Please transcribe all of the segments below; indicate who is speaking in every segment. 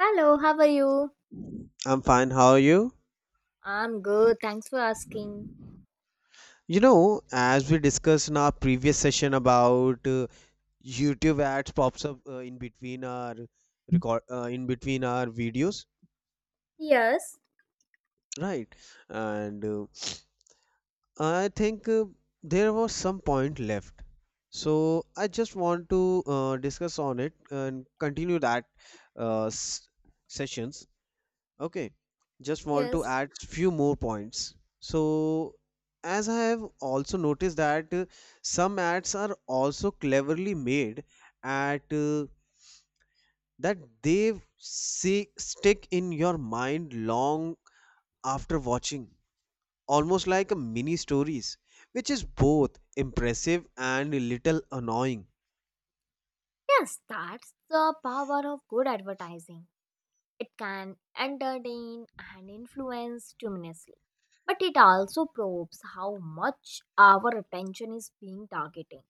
Speaker 1: Hello, how are you?
Speaker 2: I'm fine. How are you?
Speaker 1: I'm good. Thanks for asking.
Speaker 2: You know, as we discussed in our previous session about YouTube ads pops up in between our record in between our videos,
Speaker 1: Yes,
Speaker 2: right? And I think there was some point left. So I just want to discuss on it and continue that uh, s- sessions. Okay, just want to
Speaker 1: yes.
Speaker 2: add few more points. So, as I have also noticed that some ads are also cleverly made at that they see, stick in your mind long after watching, almost like a mini stories, which is both impressive and a little annoying.
Speaker 1: Yes, that's the power of good advertising. It can entertain and influence tremendously, but it also probes how much our attention is being targeting.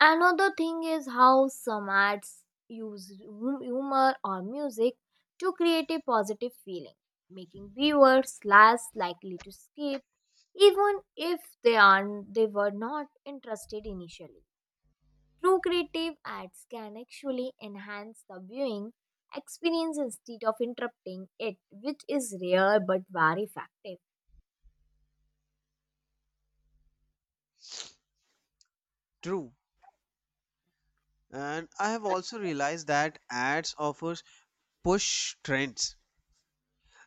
Speaker 1: Another thing is how some ads use humor or music to create a positive feeling, making viewers less likely to skip even if they were not interested initially. True creative ads can actually enhance the viewing experience instead of interrupting it, which is rare but very effective.
Speaker 2: True. And I have also realized that ads offers push trends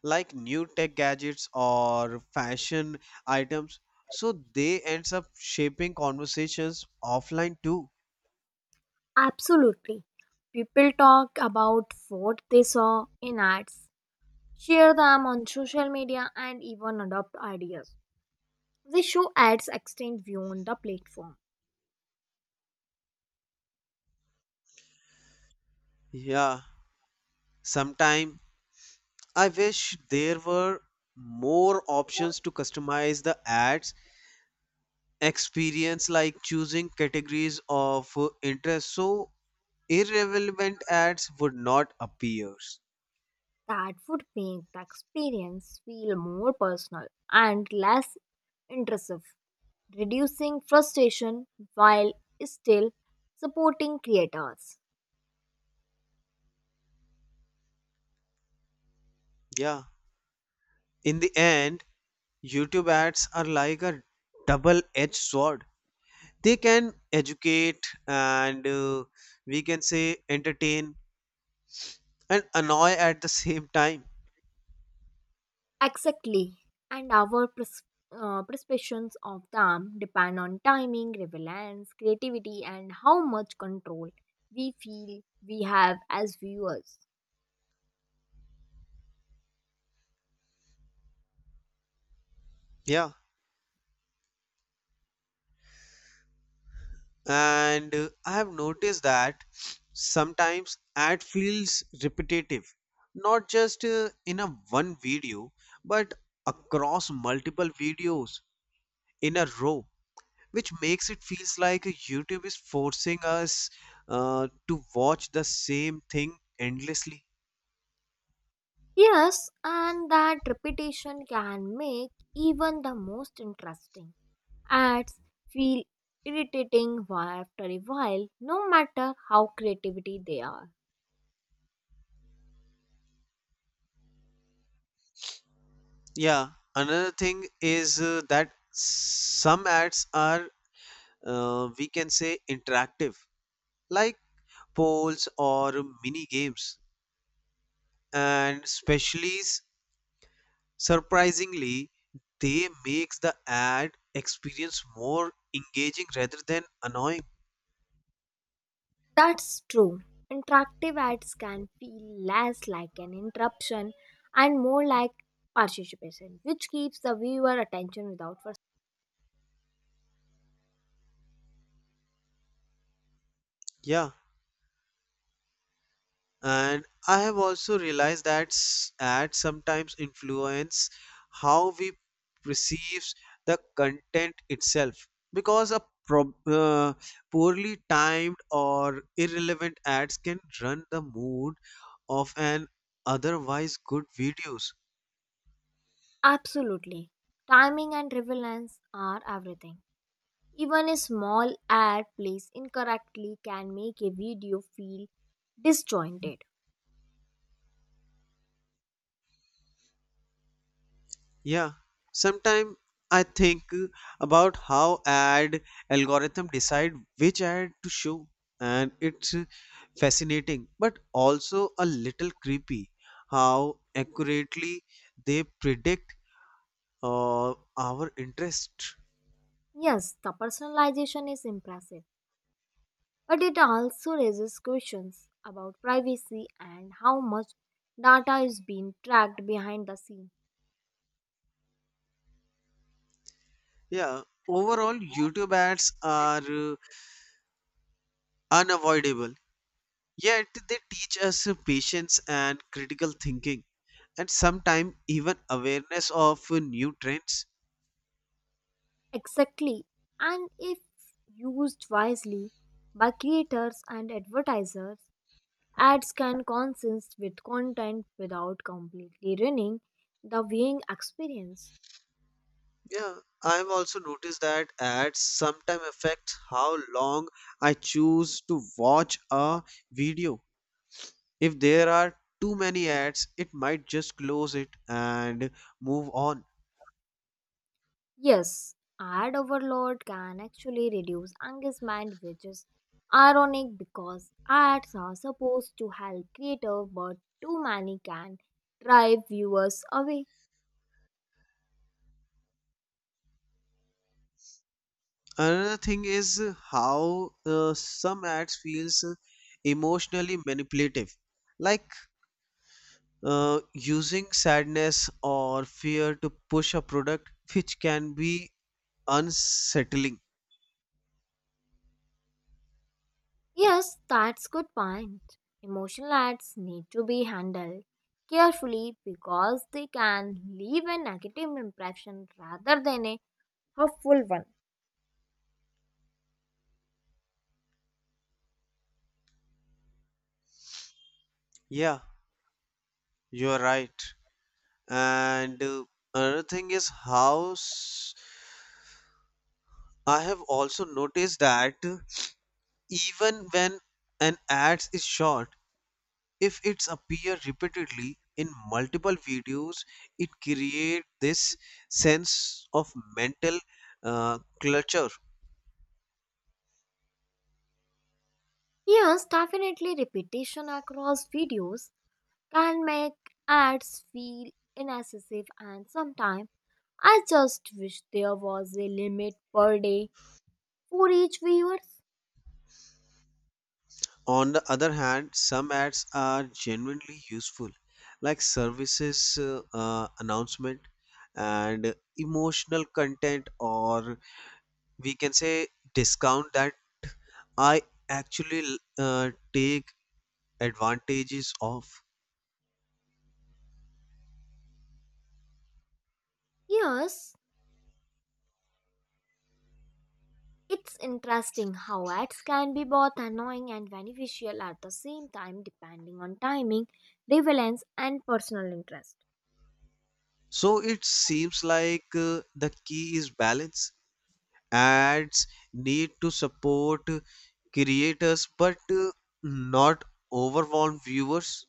Speaker 2: like new tech gadgets or fashion items, so they ends up shaping conversations offline too.
Speaker 1: Absolutely. People talk about what they saw in ads, share them on social media, and even adopt ideas they show. Ads extend view on the platform.
Speaker 2: Yeah, sometime I wish there were more options to customize the ads experience, like choosing categories of interest, so irrelevant ads would not appear.
Speaker 1: That would make the experience feel more personal and less intrusive, reducing frustration while still supporting creators.
Speaker 2: Yeah, in the end, YouTube ads are like a double edged sword. They can educate and we can say entertain and annoy at the same time.
Speaker 1: Exactly, and our perceptions of them depend on timing, relevance, creativity, and how much control we feel we have as viewers.
Speaker 2: Yeah, and I have noticed that sometimes ad feels repetitive, not just in a one video, but across multiple videos in a row, which makes it feels like YouTube is forcing us to watch the same thing endlessly.
Speaker 1: Yes, and that repetition can make even the most interesting ads feel irritating after a while, no matter how creativity they are.
Speaker 2: Yeah, another thing is that some ads are, we can say, interactive, like polls or mini games. And especially, surprisingly, they makes the ad experience more engaging rather than annoying.
Speaker 1: That's true. Interactive ads can feel less like an interruption and more like participation, which keeps the viewer attention without frustration.
Speaker 2: Yeah. And I have also realized that ads sometimes influence how we perceive the content itself, because a prob- uh, poorly timed or irrelevant ads can run the mood of an otherwise good videos.
Speaker 1: Absolutely. Timing and relevance are everything. Even a small ad placed incorrectly can make a video feel disjointed.
Speaker 2: Yeah, sometimes I think about how ad algorithm decide which ad to show, and it fascinating but also a little creepy how accurately they predict uh, our interest.
Speaker 1: Yes, the personalization is impressive, but it also raises questions about privacy and how much data is being tracked behind the scene.
Speaker 2: Yeah, overall YouTube ads are unavoidable, yet they teach us patience and critical thinking, and sometimes even awareness of new trends.
Speaker 1: Exactly. And if used wisely by creators and advertisers, ads can coexist with content without completely ruining the viewing experience.
Speaker 2: Yeah, I've also noticed that ads sometimes affect how long I choose to watch a video. If there are too many ads, it might just close it and move on.
Speaker 1: Yes, ad overload can actually reduce engagement, which is ironic because ads are supposed to help creators, but too many can drive viewers away.
Speaker 2: Another thing is how some ads feels emotionally manipulative, like using sadness or fear to push a product, which can be unsettling.
Speaker 1: Yes, that's good point. Emotional ads need to be handled carefully because they can leave a negative impression rather than a helpful one.
Speaker 2: Yeah, you're right. And another thing is how I have also noticed that even when an ad is short, if it's appear repeatedly in multiple videos, it create this sense of mental clutter.
Speaker 1: Yes, definitely repetition across videos can make ads feel inaccessible, and sometimes I just wish there was a limit per day for each viewer.
Speaker 2: On the other hand, some ads are genuinely useful, like services announcement and emotional content, or we can say discount that I actually take advantages of.
Speaker 1: Yes, it's interesting how ads can be both annoying and beneficial at the same time depending on timing, relevance and personal interest.
Speaker 2: So it seems like the key is balance. Ads need to support creators but not overwhelm viewers.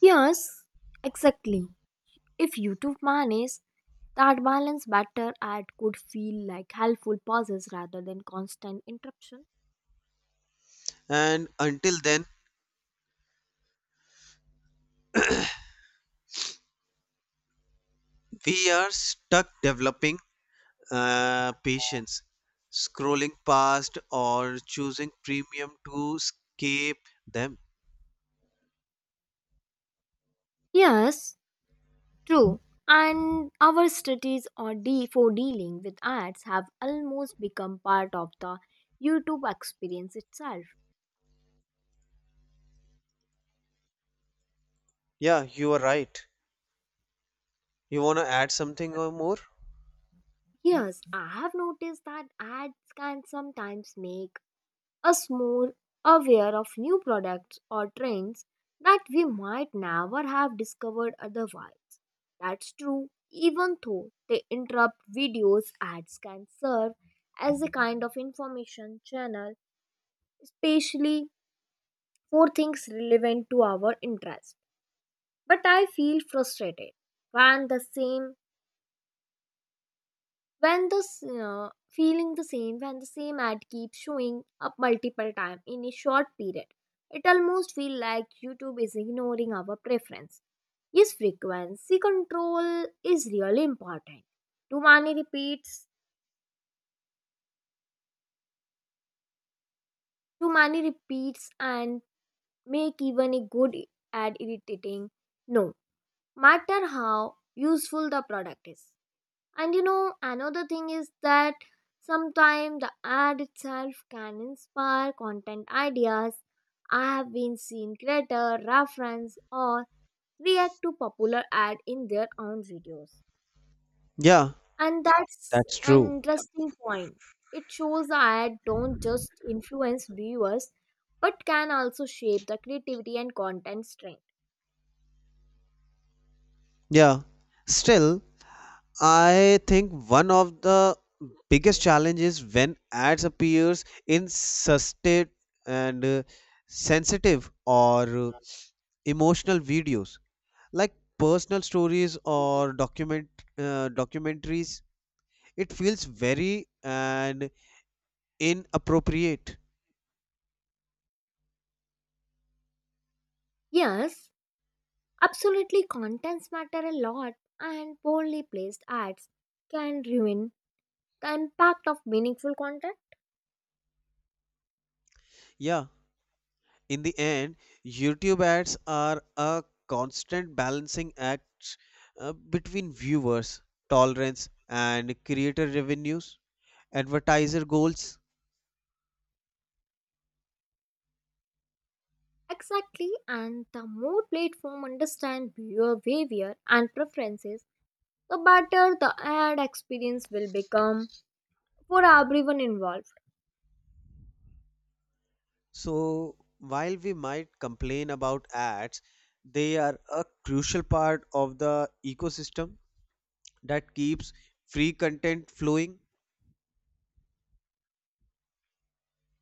Speaker 1: Yes, exactly. If YouTube manages that balance better, ad could feel like helpful pauses rather than constant interruption.
Speaker 2: And until then, we are stuck developing patience, scrolling past or choosing premium to escape them.
Speaker 1: Yes, true, and our studies or for dealing with ads have almost become part of the YouTube experience itself.
Speaker 2: Yeah, you are right. You want to add something or more?
Speaker 1: Yes, I have noticed that ads can sometimes make us more aware of new products or trends that we might never have discovered otherwise. That's true, even though they interrupt videos, ads can serve as a kind of information channel, especially for things relevant to our interest. But I feel frustrated when the same when the s- feeling the same when the same ad keeps showing up multiple times in a short period. It almost feels like YouTube is ignoring our preference. Yes, frequency control is really important. Too many repeats, too many repeats, and make even a good ad irritating. No matter how useful the product is. And you know, another thing is that sometimes the ad itself can inspire content ideas. I have been seen creator reference or react to popular ad in their own videos.
Speaker 2: Yeah,
Speaker 1: And that's
Speaker 2: that's
Speaker 1: an
Speaker 2: true.
Speaker 1: interesting point. It shows the ad don't just influence viewers but can also shape the creativity and content strength.
Speaker 2: Yeah, still I think one of the biggest challenges when ads appears in sustained and sensitive or emotional videos, like personal stories or documentaries, it feels very and inappropriate.
Speaker 1: Yes, absolutely, contents matter a lot and poorly placed ads can ruin the impact of meaningful content.
Speaker 2: Yeah, in the end, YouTube ads are a constant balancing act between viewers tolerance and creator revenues, advertiser goals.
Speaker 1: Exactly, and the more platform understand viewer behavior and preferences, the better the ad experience will become for everyone involved.
Speaker 2: So, while we might complain about ads, they are a crucial part of the ecosystem that keeps free content flowing.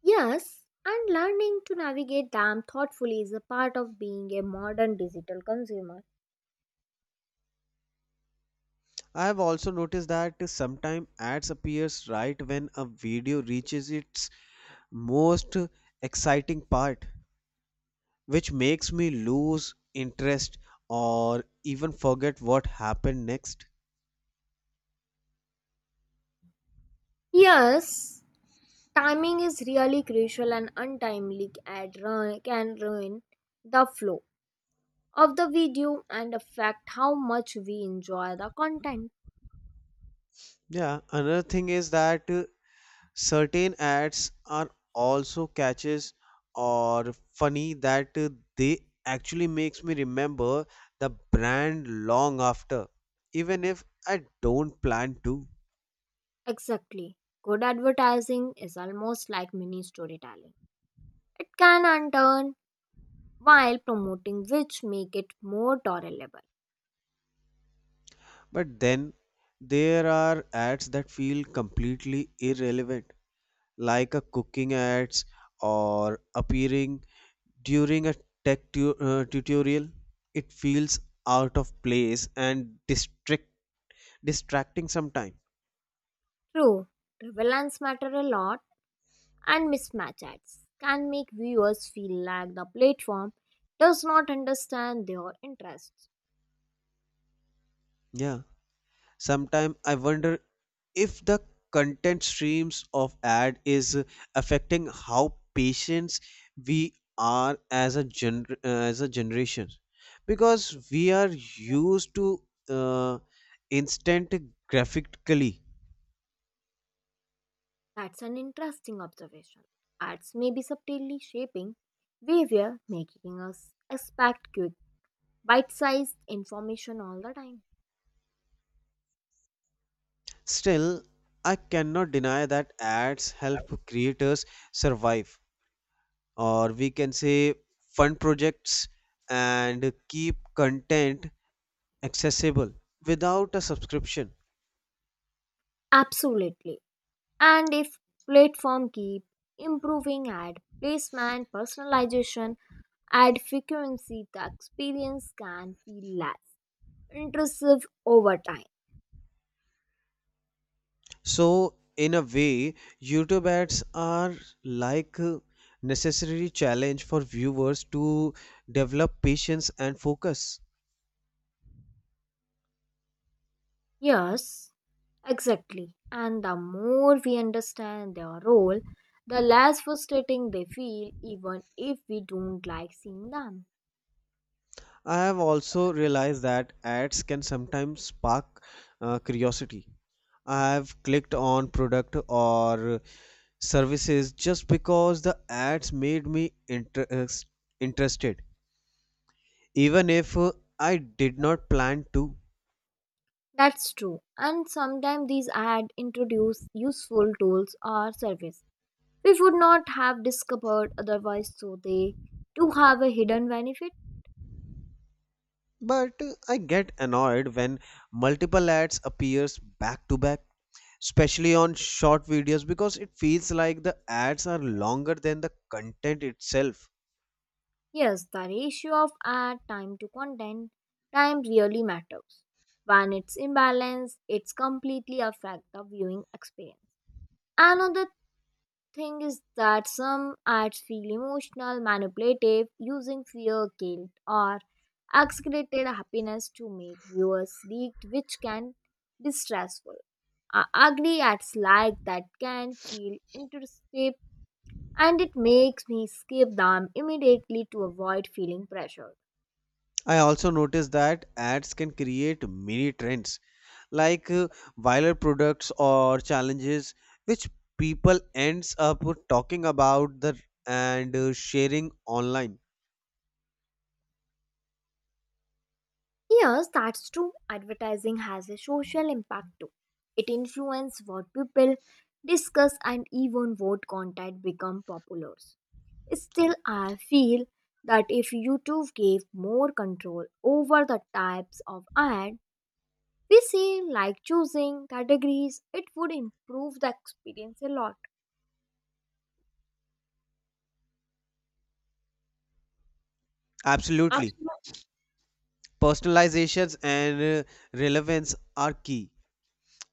Speaker 1: Yes, and learning to navigate them thoughtfully is a part of being a modern digital consumer.
Speaker 2: I have also noticed that sometimes ads appears right when a video reaches its most exciting part, which makes me lose interest or even forget what happened next.
Speaker 1: Yes, timing is really crucial and untimely can ruin the flow of the video and affect how much we enjoy the content.
Speaker 2: Yeah, another thing is that certain ads are also catches or funny that they actually makes me remember the brand long after, even if I don't plan to.
Speaker 1: Exactly. Good advertising is almost like mini storytelling. It can unturn while promoting, which make it more tolerable.
Speaker 2: But then there are ads that feel completely irrelevant, like a cooking ads or appearing during a tutorial. It feels out of place and district distracting sometime.
Speaker 1: True, relevance matter a lot and mismatch ads can make viewers feel like the platform does not understand their interests.
Speaker 2: Yeah, sometimes I wonder if the content streams of ad is affecting how patients we are as a as a generation, because we are used to uh, instant graphically.
Speaker 1: That's an interesting observation. Ads may be subtly shaping behavior, making us expect quick, bite-sized information all the time.
Speaker 2: Still, I cannot deny that ads help creators survive, or we can say fund projects and keep content accessible without a subscription.
Speaker 1: Absolutely. And if platform keep improving ad placement, personalization, ad frequency, the experience can feel less intrusive over time.
Speaker 2: So, in a way, YouTube ads are like a necessary challenge for viewers to develop patience and focus.
Speaker 1: Yes, exactly. And the more we understand their role, the less frustrating they feel, even if we don't like seeing them.
Speaker 2: I have also realized that ads can sometimes spark curiosity. I have clicked on product or services just because the ads made me interested, even if I did not plan to.
Speaker 1: That's true. And sometimes these ads introduce useful tools or service we would not have discovered otherwise, so they do have a hidden benefit.
Speaker 2: But I get annoyed when multiple ads appears back to back, especially on short videos, because it feels like the ads are longer than the content itself.
Speaker 1: Yes, the ratio of ad time to content time really matters. When it's imbalanced, it's completely affect the viewing experience. Another thing is that some ads feel emotional, manipulative, using fear, guilt, or exaggerated happiness to make viewers leaked, which can be stressful. Ugly ads like that can feel intrusive, and it makes me skip them immediately to avoid feeling pressured.
Speaker 2: I also noticed that ads can create mini trends, like viral products or challenges, which people ends up talking about the and sharing online.
Speaker 1: Yes, that's true. Advertising has a social impact too. It influences what people discuss and even what content become popular. Still, I feel that if YouTube gave more control over the types of ad we see, like choosing categories, it would improve the experience a lot.
Speaker 2: Absolutely.
Speaker 1: Absolutely.
Speaker 2: Personalizations and relevance are key.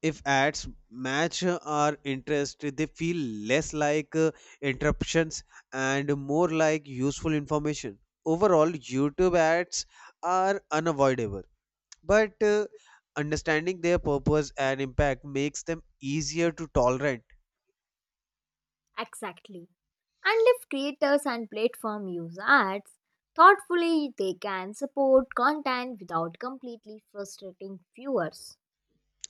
Speaker 2: If ads match our interest, they feel less like interruptions and more like useful information. Overall, YouTube ads are unavoidable, but understanding their purpose and impact makes them easier to tolerate.
Speaker 1: Exactly. And if creators and platform use ads thoughtfully, they can support content without completely frustrating viewers.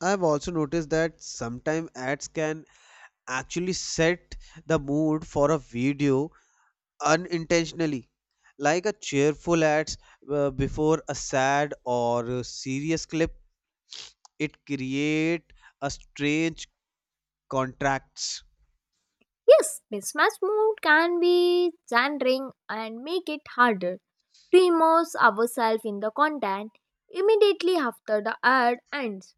Speaker 2: I've also noticed that sometimes ads can actually set the mood for a video unintentionally, like a cheerful ads before a sad or serious clip. It create a strange contracts.
Speaker 1: Yes, mismatch mode can be challenging and make it harder to immerse ourselves in the content immediately after the ad ends.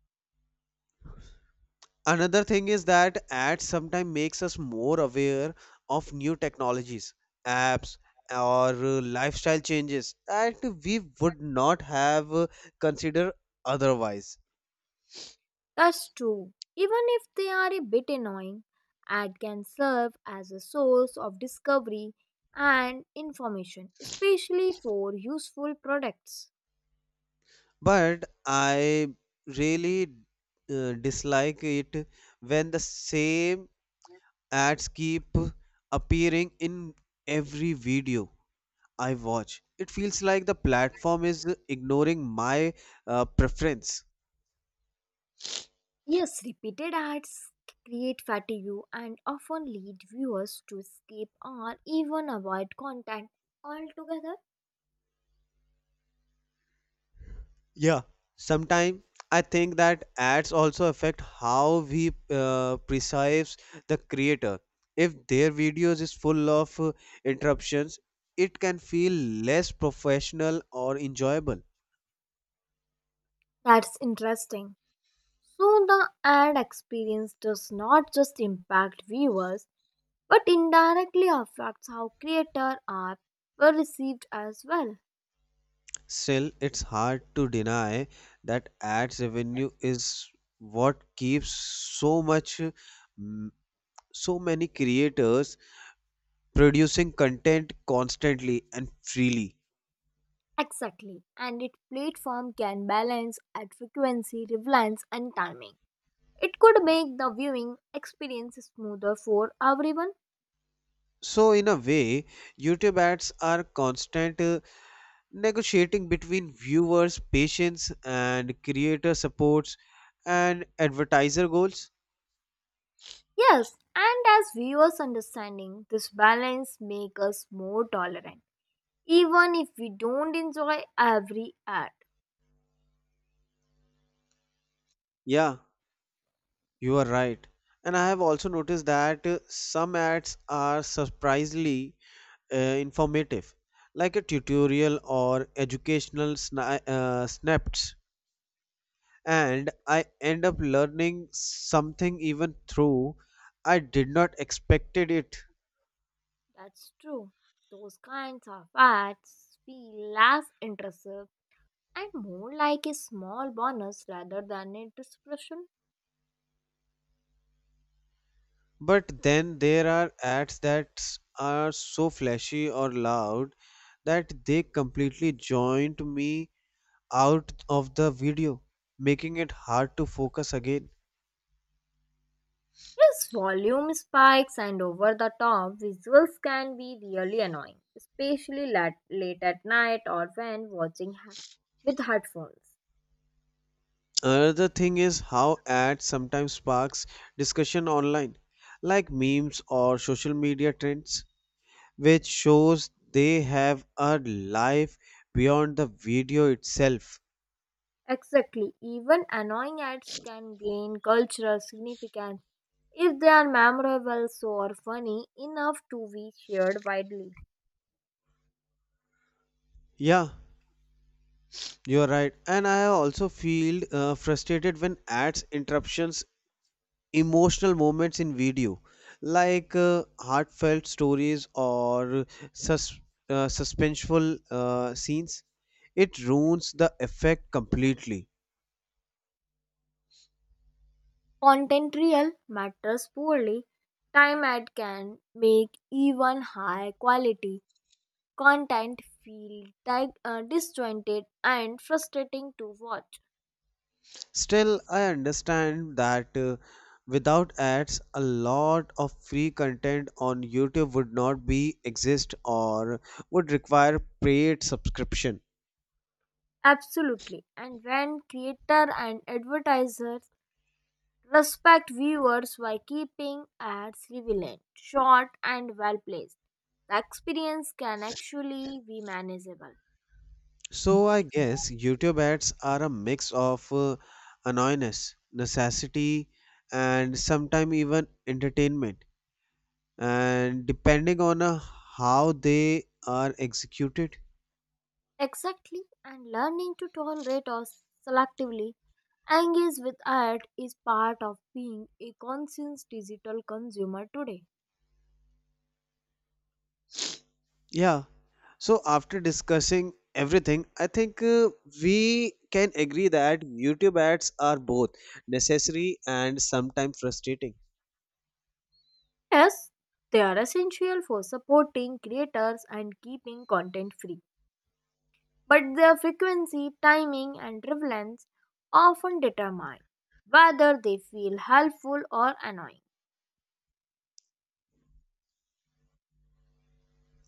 Speaker 2: Another thing is that ads sometimes makes us more aware of new technologies, apps, or lifestyle changes that we would not have considered otherwise.
Speaker 1: That's true. Even if they are a bit annoying, ad can serve as a source of discovery and information, especially for useful products.
Speaker 2: But I really dislike it when the same ads keep appearing in every video I watch. It feels like the platform is ignoring my preference.
Speaker 1: Yes, repeated ads create fatigue and often lead viewers to skip or even avoid content altogether.
Speaker 2: Yeah, sometimes I think that ads also affect how we perceive the creator. If their videos is full of interruptions, it can feel less professional or enjoyable.
Speaker 1: That's interesting. So the ad experience does not just impact viewers but indirectly affects how creator are were received as well.
Speaker 2: Still, it's hard to deny that ads revenue is what keeps so much, mm, so many creators producing content constantly and freely.
Speaker 1: Exactly. And its platform can balance ad frequency, relevance and timing. It could make the viewing experience smoother for everyone.
Speaker 2: So, in a way, YouTube ads are constant negotiating between viewers' patience and creator supports and advertiser goals.
Speaker 1: Yes, and as viewers understanding this balance make us more tolerant even if we don't enjoy every ad.
Speaker 2: Yeah, you are right. And I have also noticed that some ads are surprisingly informative, like a tutorial or educational snaps, and I end up learning something even through I did not expected it.
Speaker 1: That's true. Those kinds of ads feel less intrusive and more like a small bonus rather than a disruption.
Speaker 2: But then there are ads that are so flashy or loud that they completely joint me out of the video, making it hard to focus again.
Speaker 1: Plus, volume spikes and over the top visuals can be really annoying, especially late at night or when watching with headphones.
Speaker 2: Another thing is how ads sometimes sparks discussion online, like memes or social media trends, which shows they have a life beyond the video itself.
Speaker 1: Exactly, even annoying ads can gain cultural significance if they are memorable so or funny enough to be shared widely.
Speaker 2: Yeah, you're right. And I also feel frustrated when ads interruptions emotional moments in video, like heartfelt stories or sus- suspenseful scenes. It ruins the effect completely.
Speaker 1: Content real matters poorly. Time ad can make even high quality content feel disjointed and frustrating to watch.
Speaker 2: Still, I understand that without ads, a lot of free content on YouTube would not be exist or would require paid subscription.
Speaker 1: Absolutely. And when creator and advertisers respect viewers by keeping ads relevant, short and well placed, the experience can actually be manageable.
Speaker 2: So I guess YouTube ads are a mix of annoyance, necessity, and sometimes even entertainment, and depending on how they are executed.
Speaker 1: Exactly, and learning to tolerate or selectively engage with art is part of being a conscious digital consumer today.
Speaker 2: Yeah, so, after discussing everything, I think we can agree that YouTube ads are both necessary and sometimes frustrating.
Speaker 1: Yes, they are essential for supporting creators and keeping content free. But their frequency, timing, and relevance often determine whether they feel helpful or annoying.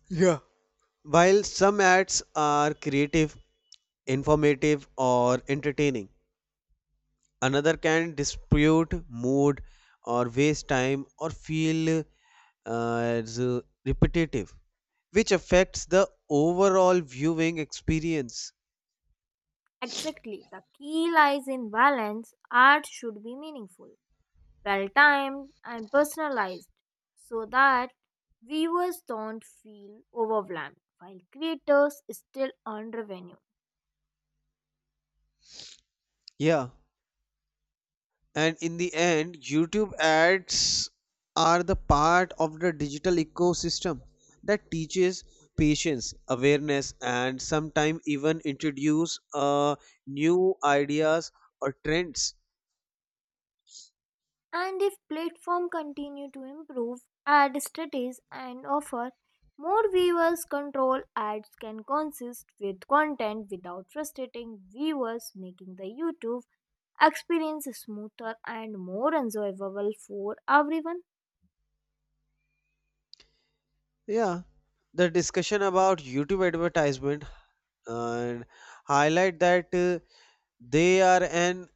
Speaker 2: Yeah. While some ads are creative, informative, or entertaining, another can dispute mood or waste time or feel repetitive, which affects the overall viewing experience.
Speaker 1: Exactly, the key lies in balance. Art should be meaningful, well timed, and personalized so that viewers don't feel overwhelmed while creators still earn revenue.
Speaker 2: Yeah. And in the end, YouTube ads are the part of the digital ecosystem that teaches patience awareness and sometimes even introduce new ideas or trends.
Speaker 1: And if platforms continue to improve ad strategies and offer more viewers control, ads can consist with content without frustrating viewers, making the YouTube experience smoother and more enjoyable for everyone.
Speaker 2: Yeah, the discussion about YouTube advertisement and highlight that they are an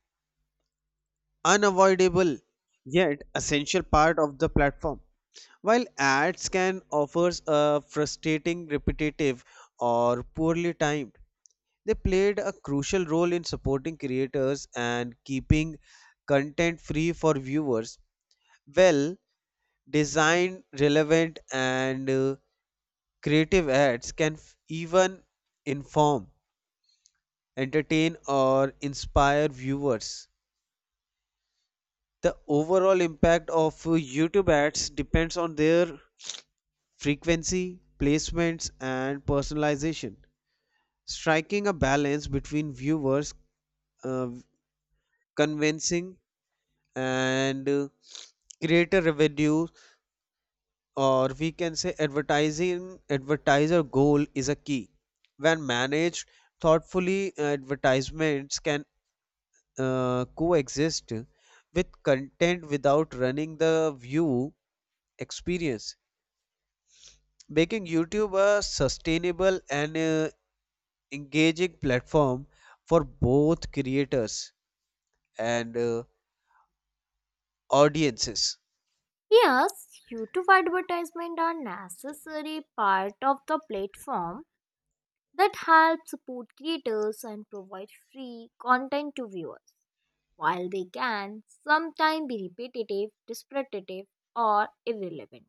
Speaker 2: unavoidable yet essential part of the platform. While ads can offer a frustrating, repetitive, or poorly timed, they played a crucial role in supporting creators and keeping content free for viewers. Well designed, relevant, and creative ads can even inform, entertain, or inspire viewers. The overall impact of YouTube ads depends on their frequency, placements, and personalization. Striking a balance between viewers uh, convincing and creator revenue, or we can say advertising advertiser goal, is a key. When managed thoughtfully, advertisements can coexist with content without running the view experience, making YouTube a sustainable and engaging platform for both creators and audiences.
Speaker 1: Yes, YouTube advertisement are necessary part of the platform that help support creators and provide free content to viewers. While they can sometimes be repetitive, or irrelevant,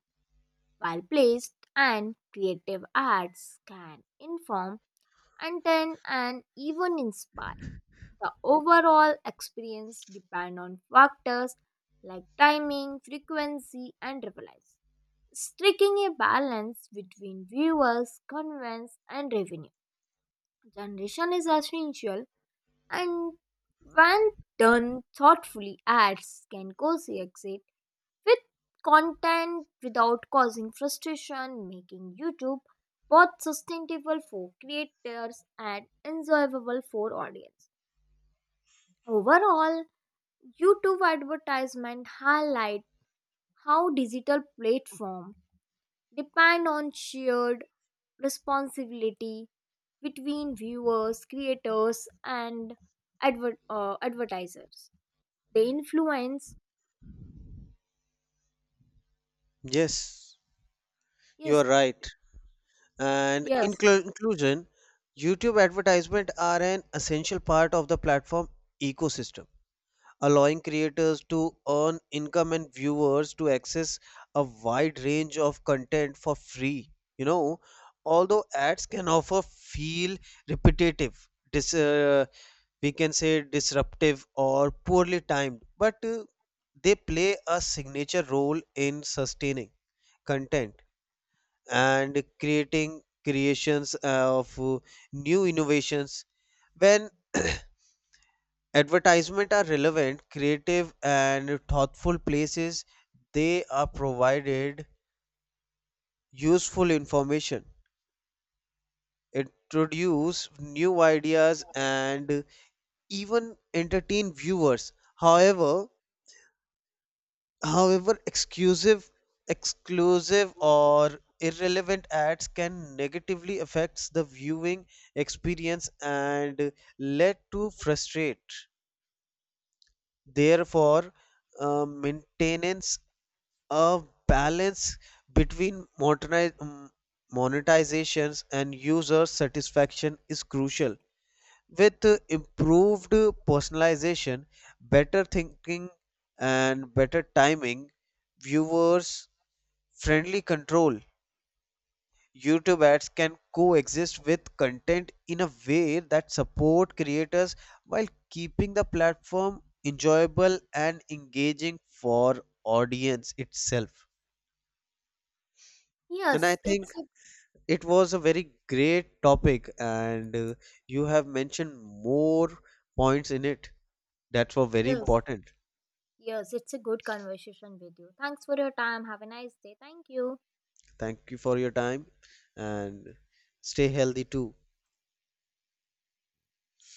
Speaker 1: well placed and creative ads can inform, entertain, and even inspire. The overall experience depend on factors like timing, frequency, and relevance striking a balance between viewers, convenience, and revenue. Generation is essential, and when done thoughtfully, ads can coexist with content without causing frustration, making YouTube both sustainable for creators and enjoyable for audience. Overall, YouTube advertisement highlight how digital platform depend on shared responsibility between viewers, creators, and advertisers. The influence,
Speaker 2: Yes, you
Speaker 1: yes,
Speaker 2: are right. And
Speaker 1: yes,
Speaker 2: in conclusion, YouTube advertisement are an essential part of the platform ecosystem, allowing creators to earn income and viewers to access a wide range of content for free. You know, although ads can often feel repetitive, we can say disruptive or poorly timed, but they play a signature role in sustaining content and creating creations of new innovations. When advertisement are relevant, creative and thoughtful places, they are provided useful information, introduce new ideas and even entertain viewers. However, However, exclusive, exclusive or irrelevant ads can negatively affect the viewing experience and lead to frustrate. Therefore, maintenance a balance between monetizations and user satisfaction is crucial. With improved personalization, better thinking, and better timing, viewers friendly control. YouTube ads can coexist with content in a way that support creators while keeping the platform enjoyable and engaging for audience itself. And
Speaker 1: yes,
Speaker 2: I think it was a very great topic and you have mentioned more points in it that were very
Speaker 1: yes,
Speaker 2: important.
Speaker 1: yes, it's a good conversation with you. Thanks for your time. Have a nice day. Thank you.
Speaker 2: Thank you for your time and stay healthy too.